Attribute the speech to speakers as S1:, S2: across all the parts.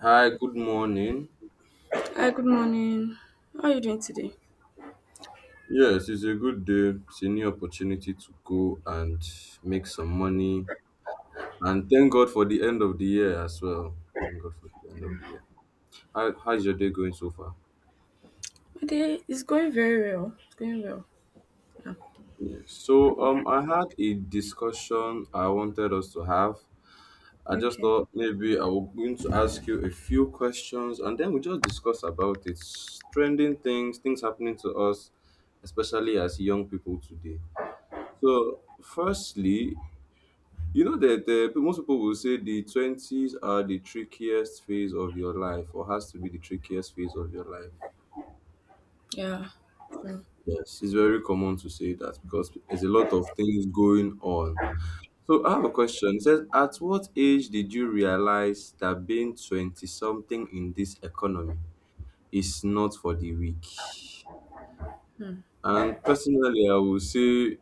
S1: Hi, good morning.
S2: Hi, good morning. How are you doing today?
S1: Yes, it's a good day. It's a new opportunity to go and make some money. And thank God for the end of the year as well. Thank God for the end of the year. How's your day going so far?
S2: My day is going very well. It's going well. Yeah.
S1: Yes. So I had a discussion I wanted us to have. I just
S2: Okay.
S1: thought maybe I was going to ask you a few questions and then we just discuss about it. Trending things, happening to us, especially as young people today. So firstly, you know that most people will say the twenties are the trickiest phase of your life, or has to be the trickiest phase of your life.
S2: Yeah. Mm,
S1: Yes. It's very common to say that because there's a lot of things going on. So I have a question. It says, at what age did you realize that being twenty something in this economy is not for the weak?
S2: mm.
S1: And personally, I will say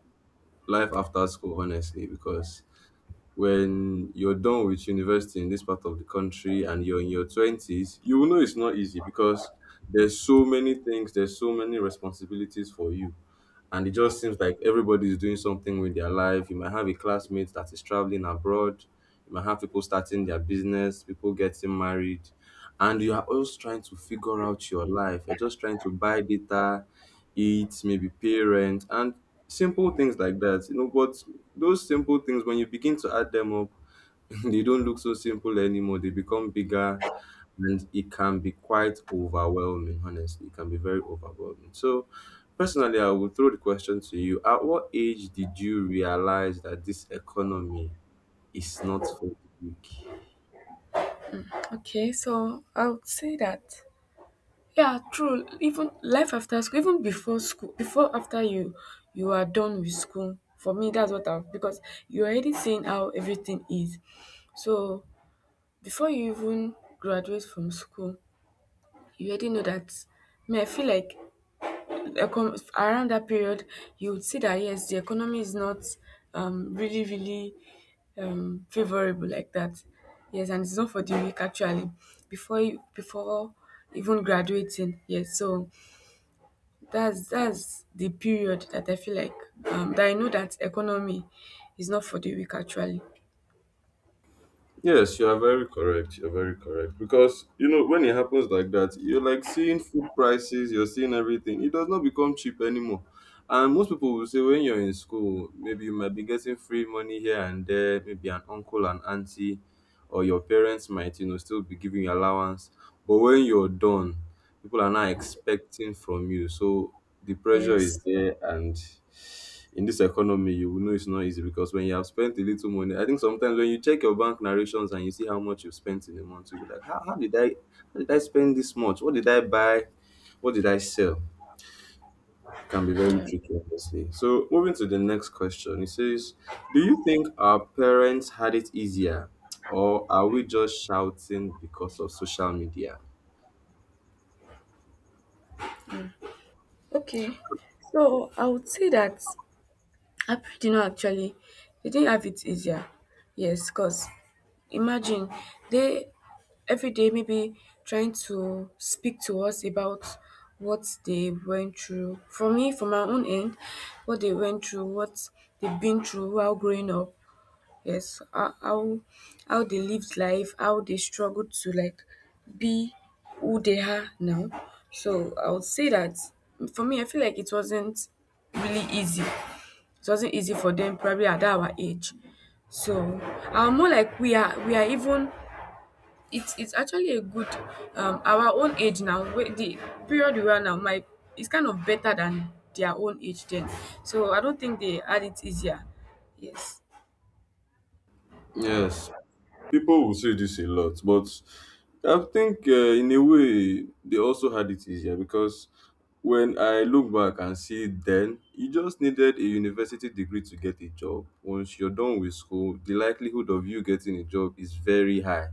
S1: life after school, honestly, because when you're done with university in this part of the country and you're in your 20s, you will know it's not easy because there's so many things, there's so many responsibilities for you, and it just seems like everybody is doing something with their life. You might have a classmate that is traveling abroad. You might have people starting their business, people getting married, and you are also trying to figure out your life. You're just trying to buy data, eat, maybe pay rent, and simple things like that. You know, but those simple things, when you begin to add them up, they don't look so simple anymore. They become bigger, and it can be quite overwhelming, honestly. It can be very overwhelming. So, personally, I will throw the question to you. At what age did you realize that this economy is not for the weak?
S2: Okay. So I would say that yeah, true. Even life after school, even before school, before after you are done with school. For me, that's what I've because you're already seeing how everything is. So before you even graduate from school, you already know that. Me, I feel like the around that period, you would see that yes, the economy is not really, really favorable like that. Yes, and it's not for the weak actually. Before even graduating, yes. So that's the period that I feel like that I know that economy is not for the weak actually.
S1: Yes, you are very correct. You're very correct. Because, you know, when it happens like that, you're like seeing food prices, you're seeing everything. It does not become cheap anymore. And most people will say when you're in school, maybe you might be getting free money here and there, maybe an uncle and auntie, or your parents might, you know, still be giving you allowance. But when you're done, people are not expecting from you. So the pressure is
S2: Yes.
S1: there, and in this economy, you know it's not easy, because when you have spent a little money, I think sometimes when you check your bank narrations and you see how much you've spent in a month, you'll be like, how did I how did I spend this much? What did I buy? What did I sell? It can be very tricky, obviously. So moving to the next question, it says, do you think our parents had it easier? Or are we just shouting because of social media?
S2: Okay. So I would say that April know actually they didn't have it easier. Yes, because imagine they every day maybe trying to speak to us about what they went through. For me, from my own end, what they went through, what they've been through while growing up. Yes, how they lived life, how they struggled to like be who they are now. So I would say that for me, I feel like it wasn't really easy. It wasn't easy for them probably at our age. So I'm more like we are even it's actually a good our own age now wait the period we are now my is kind of better than their own age then, so I don't think they had it easier. Yes.
S1: Yes, people will say this a lot, but I think in a way they also had it easier, because when I look back and see then, you just needed a university degree to get a job. Once you're done with school, the likelihood of you getting a job is very high.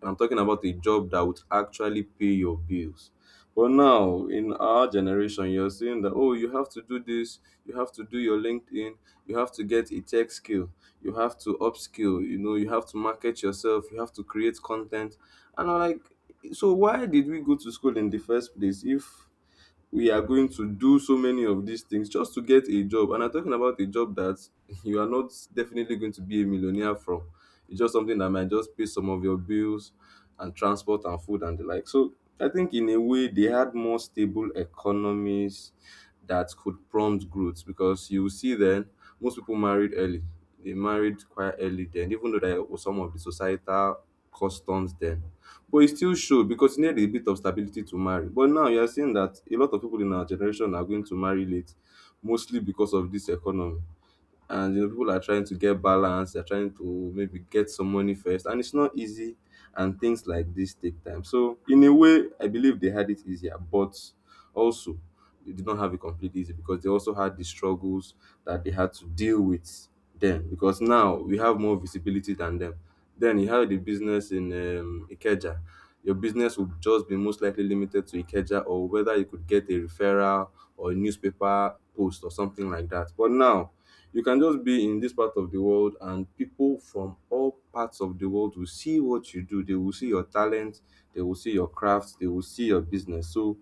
S1: And I'm talking about a job that would actually pay your bills. But now, in our generation, you're seeing that, oh, you have to do this, you have to do your LinkedIn, you have to get a tech skill, you have to upskill, you know, you have to market yourself, you have to create content, and I'm like, so why did we go to school in the first place if we are going to do so many of these things just to get a job? And I'm talking about a job that you are not definitely going to be a millionaire from. It's just something that might just pay some of your bills and transport and food and the like. So I think in a way they had more stable economies that could prompt growth, because you see then most people married early. They married quite early then, even though there was some of the societal customs then, but it still showed because you need a bit of stability to marry. But now you are seeing that a lot of people in our generation are going to marry late, mostly because of this economy, and you know people are trying to get balance, they're trying to maybe get some money first, and it's not easy, and things like this take time. So in a way I believe they had it easier, but also they did not have it completely easy, because they also had the struggles that they had to deal with then, because now we have more visibility than them. Then you have the business in Ikeja, your business would just be most likely limited to Ikeja, or whether you could get a referral or a newspaper post or something like that. But now you can just be in this part of the world, and people from all parts of the world will see what you do. They will see your talent, they will see your craft, they will see your business. So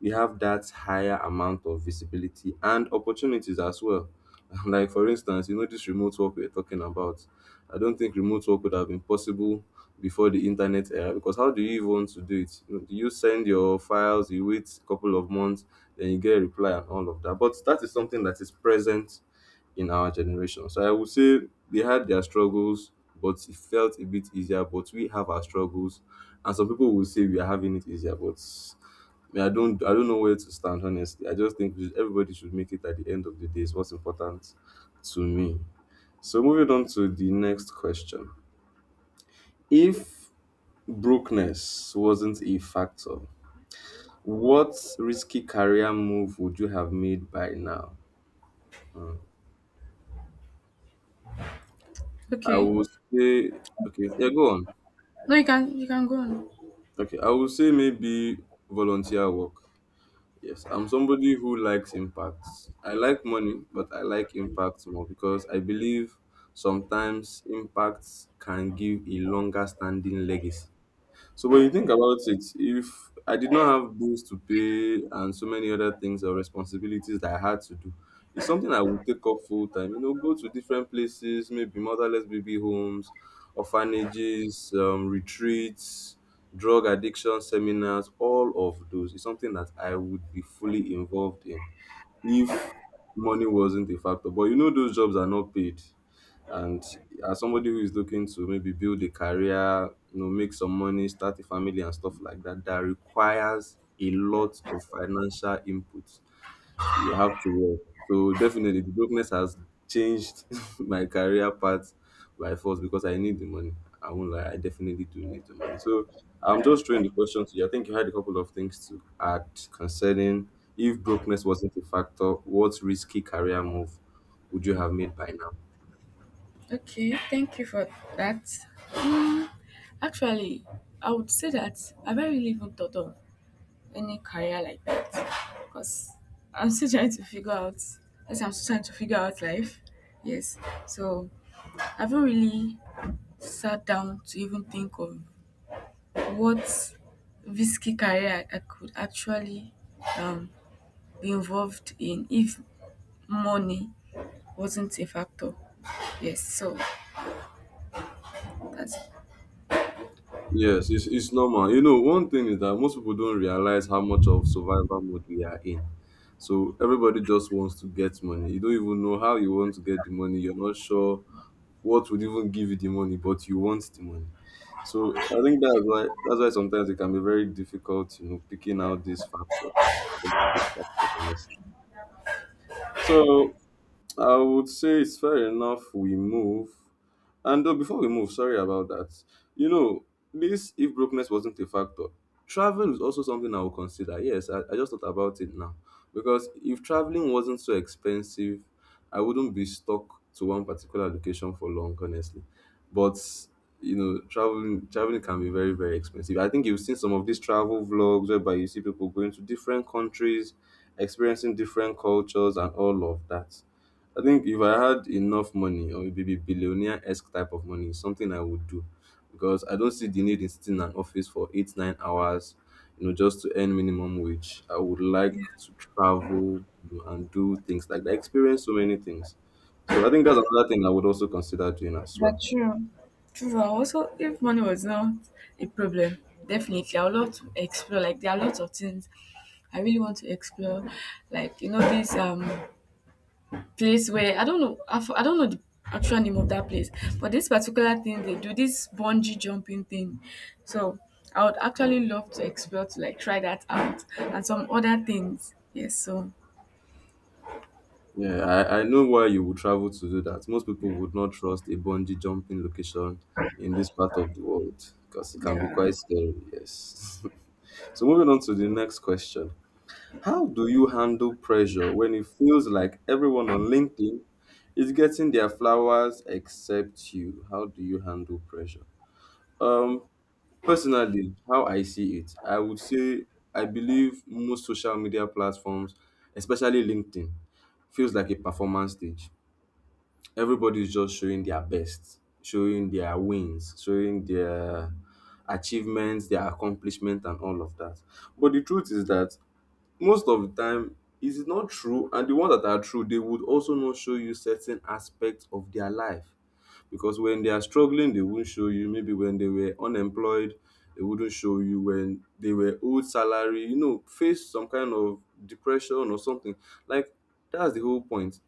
S1: we have that higher amount of visibility and opportunities as well. Like, for instance, you know, this remote work we're talking about. I don't think remote work would have been possible before the internet era, because how do you even want to do it? You know, do you send your files, you wait a couple of months, then you get a reply and all of that? But that is something that is present in our generation. So I would say they had their struggles, but it felt a bit easier. But we have our struggles, and some people will say we are having it easier, but me, I don't know where to stand. Honestly, I just think we everybody should make it at the end of the day. Is what's important to me. So moving on to the next question: if brokenness wasn't a factor, what risky career move would you have made by now? Hmm. I
S2: Okay.
S1: would say, okay, yeah, go on.
S2: No, you can you can go on.
S1: Okay, I would say maybe volunteer work. Yes, I'm somebody who likes impacts. I like money, but I like impacts more, because I believe sometimes impacts can give a longer standing legacy. So when you think about it, if I did not have bills to pay and so many other things or responsibilities that I had to do, it's something I would take up full time. You know, go to different places, maybe motherless baby homes, orphanages, retreats, drug addiction seminars, all of those. It's something that I would be fully involved in if money wasn't a factor. But you know, those jobs are not paid. And as somebody who is looking to maybe build a career, you know, make some money, start a family and stuff like that, that requires a lot of financial input. You have to work. So definitely the brokenness has changed my career path by force because I need the money. I won't lie, I definitely do need the money. So I'm just throwing the question to you. I think you had a couple of things to add concerning if brokenness wasn't a factor, what risky career move would you have made by now?
S2: Okay, thank you for that. Actually, I would say that I've not really even thought of any career like that because I'm still trying to figure out. Yes, I'm still trying to figure out life. Yes, so I haven't really sat down to even think of what risky career I could actually um be involved in if money wasn't a factor. Yes, so that's
S1: Yes, it's normal. You know, one thing is that most people don't realize how much of survival mode we are in. So everybody just wants to get money. You don't even know how you want to get the money. You're not sure what would even give you the money, but you want the money. So I think that's why sometimes it can be very difficult, you know, picking out these factors. These factors, honestly. So I would say it's fair enough we move. And before we move, sorry about that. You know, this, if brokenness wasn't a factor, travel is also something I will consider. Yes, I just thought about it now. Because if traveling wasn't so expensive, I wouldn't be stuck to one particular location for long, honestly. But you know, traveling can be very, very expensive. I think you've seen some of these travel vlogs whereby you see people going to different countries, experiencing different cultures and all of that. I think if I had enough money or maybe billionaire-esque type of money, it's something I would do, because I don't see the need in sitting in an office for 8, 9 hours, you know, just to earn minimum wage. I would like
S2: yeah,
S1: to travel, you know, and do things like that, experience so many things. So I think that's another thing I would also consider doing as well.
S2: that's true. True. I also, if money was not a problem, definitely I would love to explore. Like there are lots of things I really want to explore. Like you know, this place where I don't know I don't know the actual name of that place, but this particular thing they do, this bungee jumping thing. So I would actually love to explore to like try that out and some other things. Yes, so
S1: Yeah, I know why you would travel to do that. Most people would not trust a bungee jumping location in this part of the world because it can be
S2: yeah.
S1: quite scary, yes. So, moving on to the next question. How do you handle pressure when it feels like everyone on LinkedIn is getting their flowers except you? How do you handle pressure? Um, Personally, how I see it, I would say I believe most social media platforms, especially LinkedIn, feels like a performance stage. Everybody's just showing their best, showing their wins, showing their achievements, their accomplishment, and all of that. But the truth is that most of the time, it is not true, and the ones that are true, they would also not show you certain aspects of their life because when they are struggling, they won't show you. Maybe when they were unemployed, they wouldn't show you. When they were old salary, you know, face some kind of depression or something. Like, that's the whole point.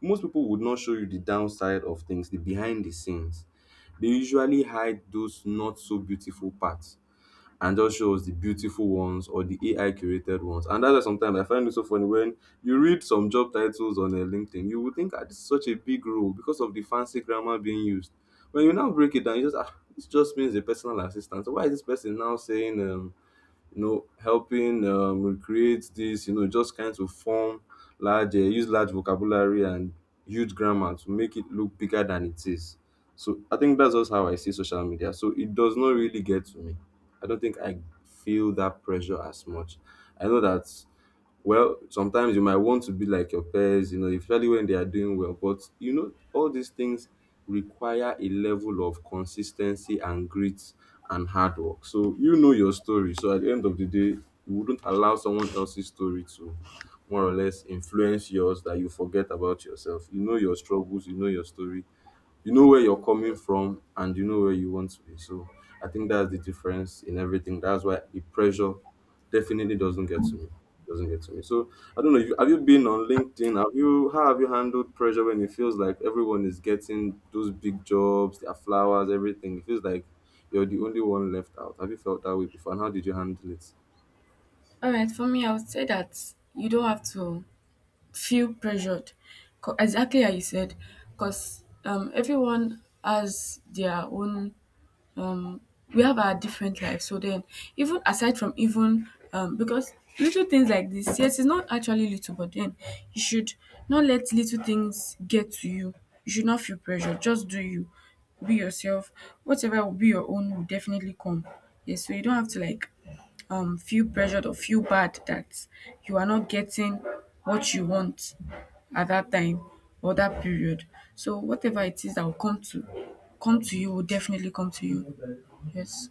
S1: Most people would not show you the downside of things, the behind the scenes. They usually hide those not so beautiful parts and just shows the beautiful ones or the AI curated ones. And that's why sometimes I find it so funny when you read some job titles on LinkedIn, you would think, ah, this is such a big role because of the fancy grammar being used. When you now break it down, you just ah, this just means a personal assistant. So why is this person now saying you know, helping recreate this, you know, just kind of form large, use large vocabulary and huge grammar to make it look bigger than it is. So I think that's just how I see social media. So it does not really get to me. I don't think I feel that pressure as much. I know that, well, sometimes you might want to be like your peers, you know, especially when they are doing well. But, you know, all these things require a level of consistency and grit and hard work. So, you know your story. So, at the end of the day, you wouldn't allow someone else's story to more or less influence yours that you forget about yourself. You know your struggles, you know your story. You know where you're coming from and you know where you want to be. So I think that's the difference in everything. That's why the pressure definitely doesn't get to me. Doesn't get to me. So I don't know. If you, have you been on LinkedIn? Have you? How have you handled pressure when it feels like everyone is getting those big jobs, their flowers, everything? It feels like you're the only one left out. Have you felt that way before? And how did you handle it?
S2: All right, for me, I would say that you don't have to feel pressured. Exactly how you said, because everyone has their own um we have our different lives. So then, even aside from even because little things like this, yes, it's not actually little, but then you should not let little things get to you. You should not feel pressure. Just do you, be yourself. Whatever will be your own will definitely come. Yes, so you don't have to like feel pressured or feel bad that you are not getting what you want at that time or that period. So whatever it is that will come to you will definitely come to you. Yes.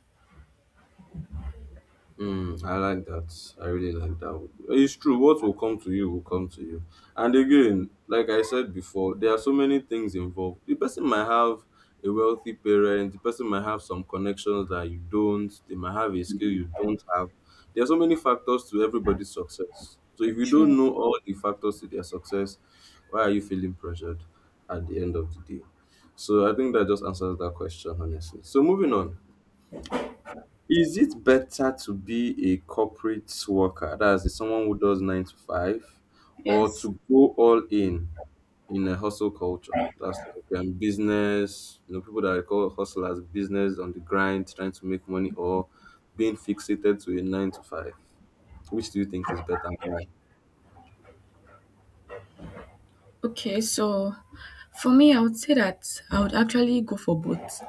S1: Mm, I like that. I really like that. It's true. What will come to you will come to you. And again, like I said before, there are so many things involved. The person might have a wealthy parent. The person might have some connections that you don't. They might have a skill you don't have. There are so many factors to everybody's success. So if you
S2: True.
S1: don't know all the factors to their success, why are you feeling pressured at the end of the day? So I think that just answers that question honestly. So moving on. Is it better to be a corporate worker, that's someone who does nine to five, or
S2: Yes.
S1: to go all in a hustle culture? That's like business, you know, people that I call hustle as business on the grind, trying to make money, or being fixated to a nine to five. Which do you think is better and why?
S2: Okay, so for me, I would say that I would actually go for both.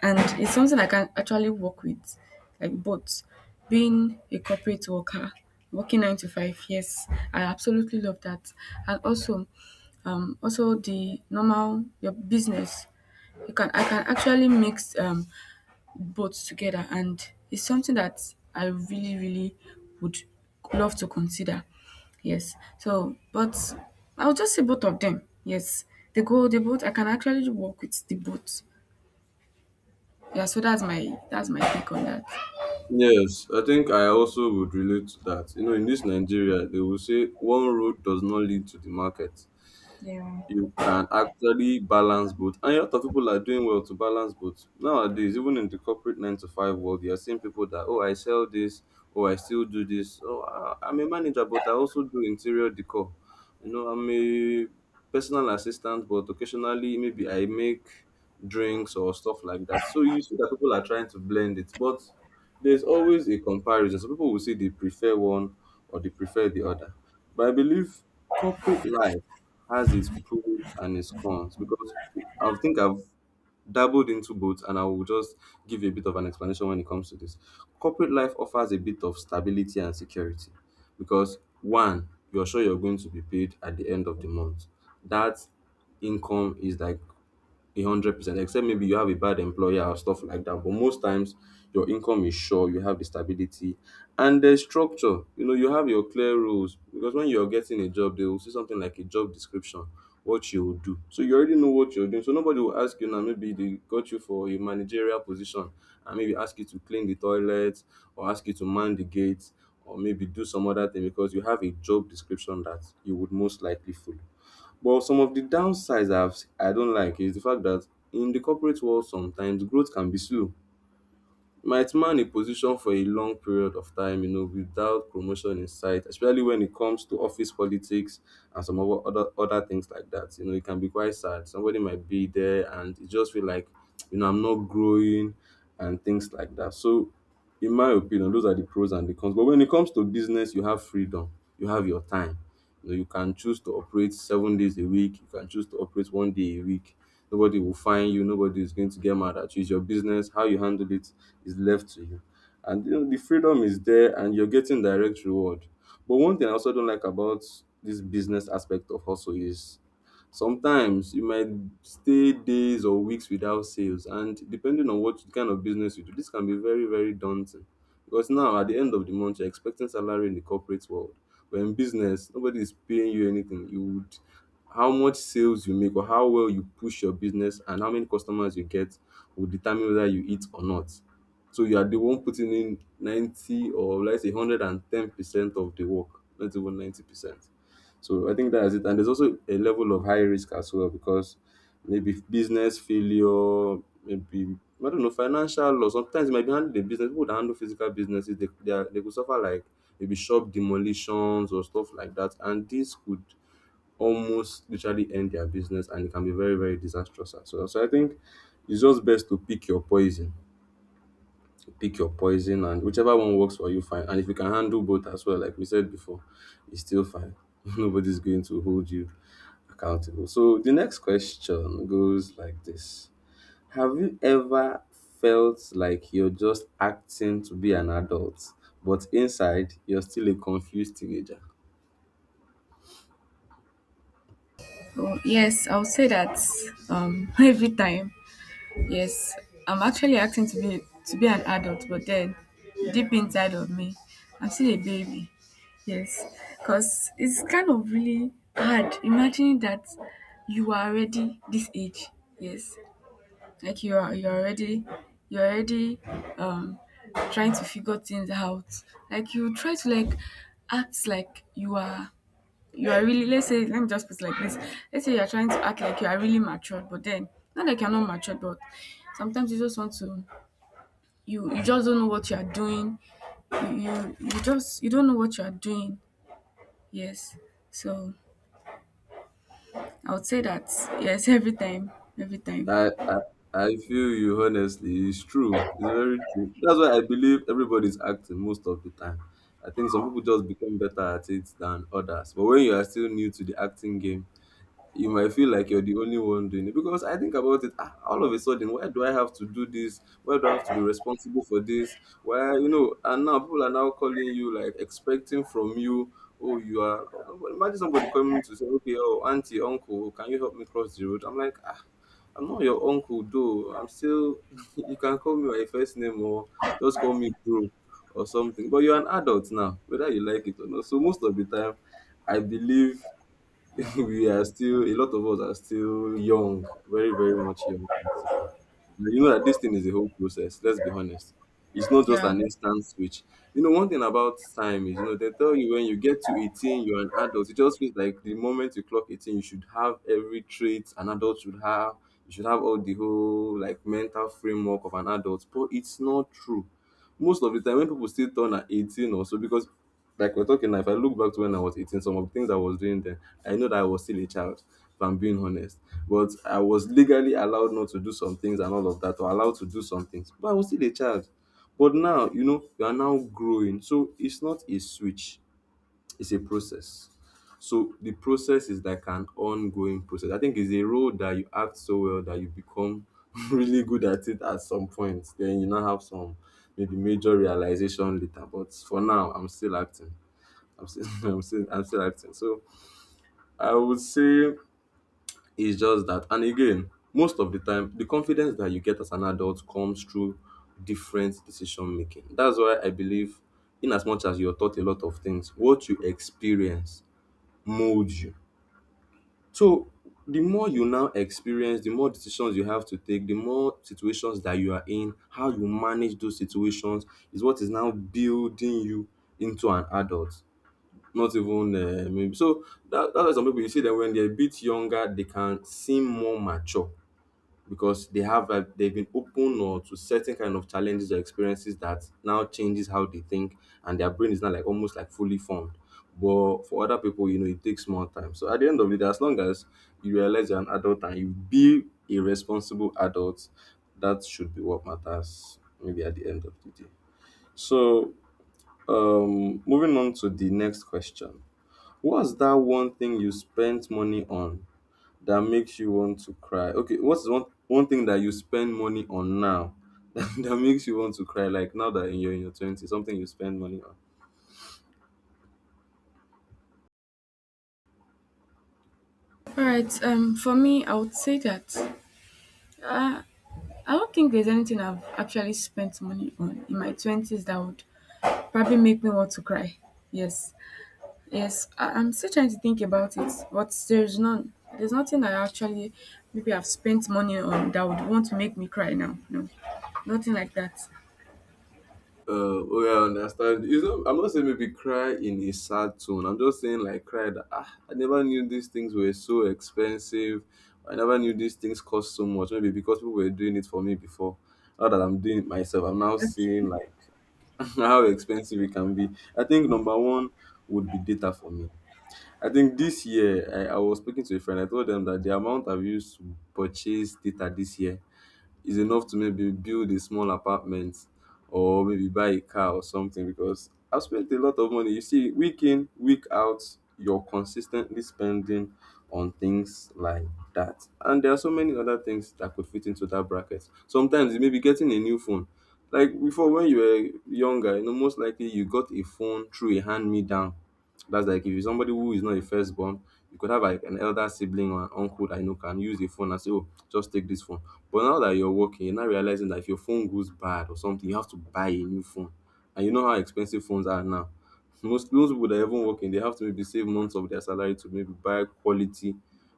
S2: And it's something I can actually work with, like both. Being a corporate worker, working nine to five, yes, I absolutely love that. And also, also the normal your business. You can, I can actually mix both together, and it's something that I really, really would love to consider. Yes. So, but I'll just say both of them. Yes, they go. They both. I can actually work with the both. Yeah. So that's my take on that.
S1: Yes, I think I also would relate to that. You know, in this Nigeria, they will say one road does not lead to the market.
S2: Yeah.
S1: You can actually balance both. And a lot of people are doing well to balance both. Nowadays, even in the corporate nine to five world, you are seeing people that, oh, I sell this, oh, I still do this. Oh, I'm a manager, but I also do interior decor. You know, I'm a personal assistant, but occasionally maybe I make drinks or stuff like that. So you see that people are trying to blend it, but there's always a comparison. So people will say they prefer one or they prefer the other. But I believe corporate life has its pros and its cons because I think I've dabbled into both and I will just give you a bit of an explanation when it comes to this. Corporate life offers a bit of stability and security because one, you're sure you're going to be paid at the end of the month. That income is like 100%, except maybe you have a bad employer or stuff like that. But most times, your income is sure. You have the stability and the structure. You know, you have your clear rules because when you're getting a job, they will see something like a job description, what you will do. So you already know what you're doing. So nobody will ask you now. Maybe they got you for a managerial position and maybe ask you to clean the toilet or ask you to man the gates or maybe do some other thing because you have a job description that you would most likely follow. But some of the downsides I have I do not like is the fact that in the corporate world sometimes growth can be slow. You might man a position for a long period of time, you know, without promotion in sight, especially when it comes to office politics and some other things like that. You know, it can be quite sad. Somebody might be there and it just feel like, you know, I'm not growing and things like that. So in my opinion, those are the pros and the cons. But when it comes to business, you have freedom, you have your time. You know, you can choose to operate 7 days a week, you can choose to operate 1 day a week. Nobody will find you, nobody is going to get mad at you. It's your business, how you handle it is left to you. And you know, the freedom is there and you're getting direct reward. But one thing I also don't like about this business aspect of hustle is, sometimes you might stay days or weeks without sales, and depending on what kind of business you do, this can be very, very daunting. Because now, at the end of the month, you're expecting salary in the corporate world. But in business, nobody is paying you anything. You would, how much sales you make or how well you push your business and how many customers you get will determine whether you eat or not. So you are the one putting in 90 or let's say 110% of the work, not even 90%. So I think that's it. And there's also a level of high risk as well because maybe business failure, maybe I don't know, financial loss. Sometimes it might be handling the business. People that handle physical businesses, are, they could suffer like maybe shop demolitions or stuff like that. And this could almost literally end their business and it can be very, very disastrous as well. So I think it's just best to pick your poison, pick your poison, and whichever one works for you, fine. And if you can handle both as well, like we said before, it's still fine. Nobody's going to hold you accountable. So the next question goes like this. Have you ever felt like you're just acting to be an adult but inside you're still a confused teenager?
S2: So yes, I'll say that every time. Yes, I'm actually acting to be an adult, but then deep inside of me, I'm still a baby. Yes, because it's kind of really hard imagining that you are already this age. Yes, like you are already you're already um trying to figure things out. Like you try to like act like you are really, let's say, let me just put it like this, let's say you're trying to act like you are really matured, but then not like you're not matured, but sometimes you just want to you just don't know what you are doing. You just you don't know what you are doing. Yes, so I would say that yes, every time, every time.
S1: I, I I feel you honestly. It's true. It's very true. That's why I believe everybody's acting most of the time. I think some people just become better at it than others. But when you are still new to the acting game, you might feel like you're the only one doing it because I think about it, ah, all of a sudden. Why do I have to do this? Why do I have to be responsible for this? Why, you know? And now people are now calling you like expecting from you. Oh, you are. Imagine somebody coming to say, okay, oh, auntie, uncle, can you help me cross the road? I'm like, ah, I'm not your uncle though. I'm still. You can call me my first name or just call me bro or something. But you're an adult now, whether you like it or not. So most of the time, I believe we are still, a lot of us are still young, very, very much young. So, you know that this thing is a whole process, let's be honest. It's not just
S2: Yeah.
S1: an instant switch. You know, one thing about time is, you know, they tell you when you get to 18, you're an adult. It just feels like the moment you clock 18, you should have every trait an adult should have. You should have all the whole like mental framework of an adult. But it's not true. Most of the time when people still turn at 18 also because like we're talking now, if I look back to when I was 18, some of the things I was doing then, I know that I was still a child, if I'm being honest. But I was legally allowed not to do some things and all of that, or allowed to do some things. But I was still a child. But now, you know, you are now growing. So it's not a switch, it's a process. So the process is like an ongoing process. I think it's a role that you act so well that you become really good at it at some point. Then you now have some maybe major realization later. But for now, I'm still acting. I'm still, I'm still acting. So I would say it's just that. And again, most of the time, the confidence that you get as an adult comes through different decision making. That's why I believe, in as much as you're taught a lot of things, what you experience molds you. So the more you now experience, the more decisions you have to take, the more situations that you are in, how you manage those situations is what is now building you into an adult. Not even maybe so that's why some people you see that when they're a bit younger they can seem more mature because they've been open or to certain kind of challenges or experiences that now changes how they think, and their brain is not like almost like fully formed. But for other people, you know, it takes more time. So at the end of it, as long as you realize you're an adult and you be a responsible adult, that should be what matters maybe at the end of the day. So moving on to the next question. What's that one thing you spent money on that makes you want to cry? Okay, what's one thing that you spend money on now that makes you want to cry? Like now that you're in your twenties, something you spend money on.
S2: All right, for me, I would say that I don't think there's anything I've actually spent money on in my 20s that would probably make me want to cry. Yes. Yes, I'm still trying to think about it, but there's none. There's nothing I actually maybe I've spent money on that would want to make me cry now. No, nothing like that.
S1: Oh yeah, I understand. You know, I'm not saying maybe cry in a sad tone. I'm just saying like cry that ah, I never knew these things were so expensive. I never knew these things cost so much. Maybe because people were doing it for me before. Now that I'm doing it myself, I'm now
S2: Okay.
S1: seeing like how expensive it can be. I think number one would be data for me. I think this year I was speaking to a friend. I told them that the amount I've used to purchase data this year is enough to maybe build a small apartment or maybe buy a car or something, because I've spent a lot of money. You see, week in, week out, you're consistently spending on things like that. And there are so many other things that could fit into that bracket. Sometimes it may be getting a new phone. Like before, when you were younger, you know, most likely you got a phone through a hand me down. That's like if you're somebody who is not a firstborn, you could have like an elder sibling or an uncle that you know can use the phone and say, oh, just take this phone. But now that you're working, you're now realizing that if your phone goes bad or something, you have to buy a new phone. And you know how expensive phones are now. Most people that are even working, they have to maybe save months of their salary to maybe buy quality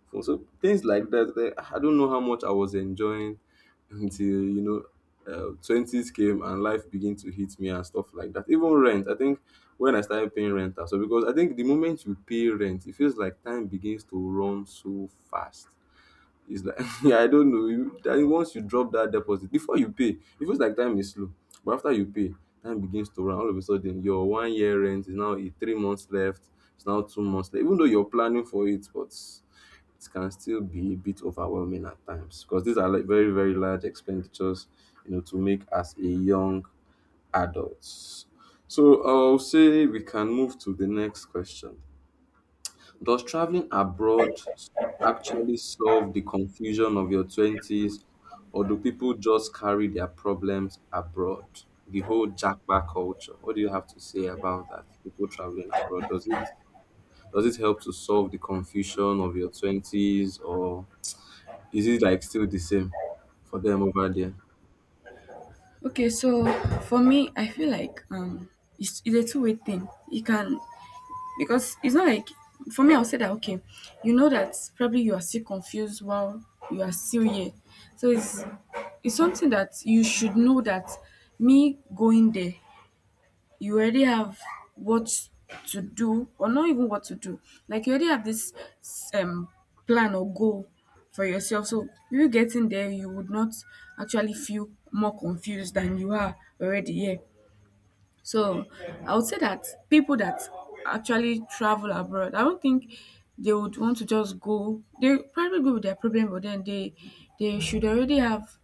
S1: phone. So things like that. I don't know how much I was enjoying until you know twenties came and life began to hit me and stuff like that. Even rent, I think when I started paying rent, so because I think the moment you pay rent, it feels like time begins to run so fast. It's like yeah, I don't know. I once you drop that deposit, before you pay, it feels like time is slow. But after you pay, time begins to run. All of a sudden, your one year rent is now eh, three months left. It's now two months left. Even though you're planning for it, but it can still be a bit overwhelming at times because these are like very very large expenditures, you know, to make as a young adult. So I'll say we can move to the next question. Does traveling abroad actually solve the confusion of your 20s, or do people just carry their problems abroad? The whole jackpot culture. What do you have to say about that? People traveling abroad. Does it help to solve the confusion of your 20s, or is it like still the same for them over there?
S2: Okay, so for me, I feel like it's a two-way thing. You can because it's not like for me. I'll say that okay, you know that probably you are still confused while you are still here. So it's something that you should know that me going there, you already have what to do, or not even what to do, like you already have this um plan or goal for yourself. So you getting there, you would not actually feel more confused than you are already. Yeah, so I would say that people that actually travel abroad, I don't think they would want to just go. They probably go with their problem, but then they should already have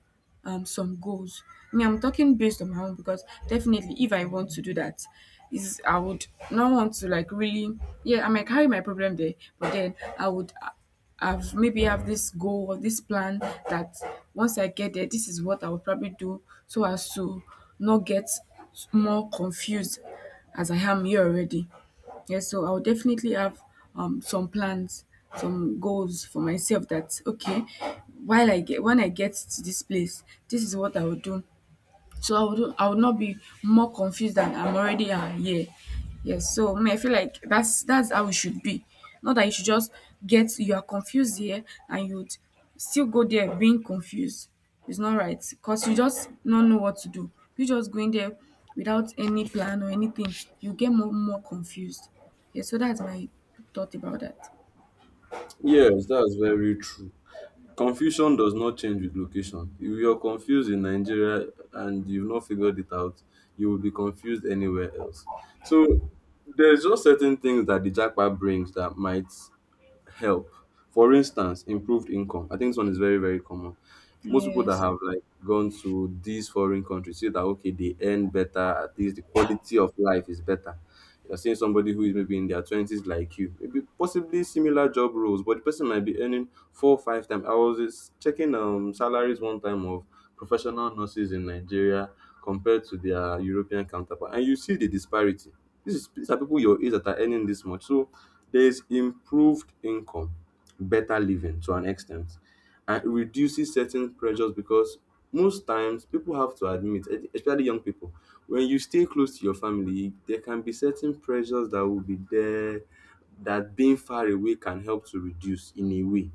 S2: some goals. Me, I'm talking based on my own because definitely if I want to do that, is I would not want to like really yeah, I might carry my problem there, but then I would have maybe have this goal or this plan that once I get there, this is what I will probably do so as to not get more confused as I am here already. Yes, so I'll definitely have some plans, some goals for myself that okay, while I get when I get to this place, this is what I will do. So I would not be more confused than I'm already here. Yes. So me, I feel like that's how it should be. Not that you should just get you are confused here and you'd still go there being confused. It's not right. Because you just don't know what to do. You just going there without any plan or anything, you get more confused. Yeah, so that's my thought about that.
S1: Yes, that's very true. Confusion does not change with location. If you're confused in Nigeria and you've not figured it out, you will be confused anywhere else. So there's just certain things that the jackpot brings that might help. For instance, improved income. I think this one is very, very common. Most people that
S2: Yes.
S1: have like gone to these foreign countries say that okay, they earn better, at least the quality of life is better. You're seeing somebody who is maybe in their twenties like you, maybe possibly similar job roles, but the person might be earning four, five times. I was just checking salaries one time of professional nurses in Nigeria compared to their European counterpart, and you see the disparity. These are people your age that are earning this much. So there's improved income, better living to an extent, and it reduces certain pressures because most times people have to admit, especially young people, when you stay close to your family, there can be certain pressures that will be there that being far away can help to reduce in a way,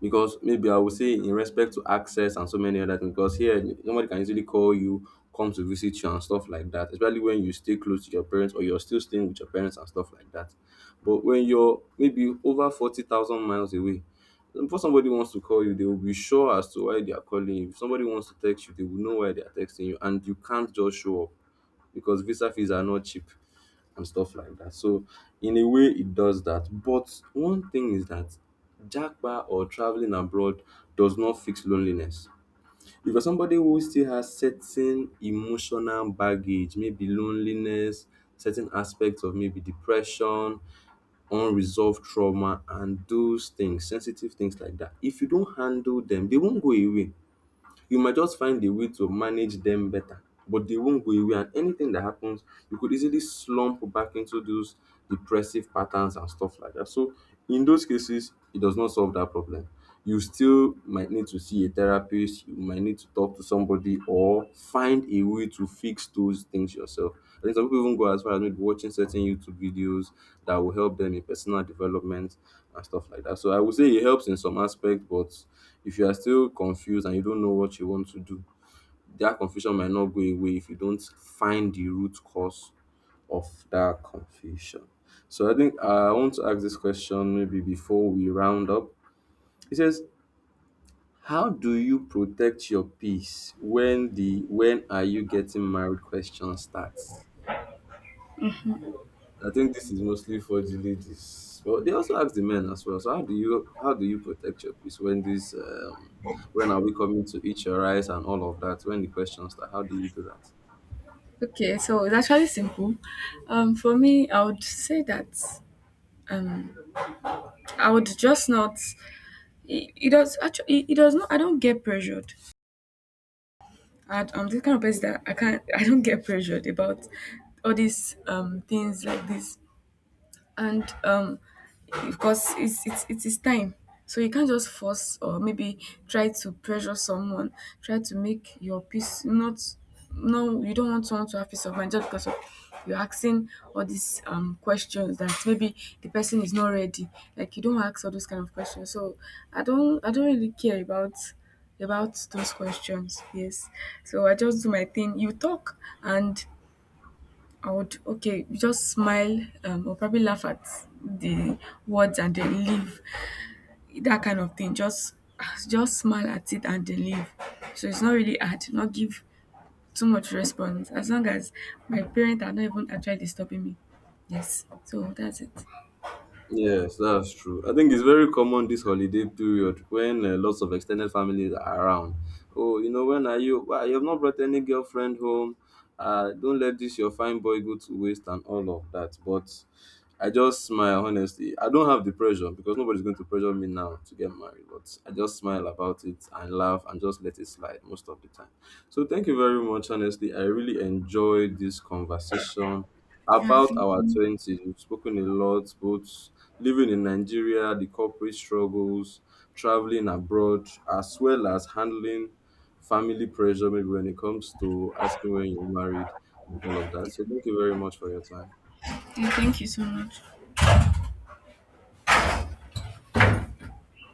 S1: because maybe I would say in respect to access and so many other things, because here nobody can easily call you, come to visit you and stuff like that, especially when you stay close to your parents or you're still staying with your parents and stuff like that. But when you're maybe over 40,000 miles away, before somebody wants to call you, they will be sure as to why they are calling you. If somebody wants to text you, they will know why they are texting you, and you can't just show up because visa fees are not cheap and stuff like that. So in a way it does that. But one thing is that Jackpa or traveling abroad does not fix loneliness. If you're somebody who still has certain emotional baggage, maybe loneliness, certain aspects of maybe depression, unresolved trauma, and those things, sensitive things like that, if you don't handle them, they won't go away. You might just find a way to manage them better, but they won't go away. And anything that happens, you could easily slump back into those depressive patterns and stuff like that. So, in those cases, it does not solve that problem. You still might need to see a therapist, you might need to talk to somebody or find a way to fix those things yourself. I think some people even go as far as maybe watching certain YouTube videos that will help them in personal development and stuff like that. So I would say it helps in some aspect, but if you are still confused and you don't know what you want to do, that confusion might not go away if you don't find the root cause of that confusion. So I think I want to ask this question maybe before we round up. It says, how do you protect your peace when the when are you getting married question starts? I think this is mostly for the ladies. Well, they also ask the men as well. So how do you protect your peace when this when are we coming to eat your rice and all of that? When the questions start, how do you do that?
S2: Okay, so it's actually simple. For me, I would say that um, I would just not it, it does actually it, it does not, I don't get pressured. I'm the kind of person that I can't I don't get pressured about all these things like this. And because it's it is time. So you can't just force or maybe try to pressure someone, try to make your peace not no you don't want someone to have peace of mind just because of you're asking all these questions that maybe the person is not ready. Like you don't ask all those kind of questions. So I don't really care about those questions. Yes. So I just do my thing. You talk and I would okay, just smile or probably laugh at the words and then leave. That kind of thing. Just smile at it and then leave. So it's not really hard. Not give too much response. As long as my parents are not even actually disturbing me. Yes. So that's it.
S1: Yes, that's true. I think it's very common this holiday period when lots of extended families are around. Oh, you know, when are you? Why you have not brought any girlfriend home? Don't let this your fine boy go to waste and all of that. But I just smile honestly. I don't have the pressure because nobody's going to pressure me now to get married, but I just smile about it and laugh and just let it slide most of the time. So thank you very much, honestly. I really enjoyed this conversation
S2: Yeah,
S1: about
S2: thank
S1: our
S2: you.
S1: twenties. We've spoken a lot, both living in Nigeria, the corporate struggles, traveling abroad, as well as handling family pressure, maybe when it comes to asking when you're married and all of that. So thank you very much for your time.
S2: Yeah, thank you so much.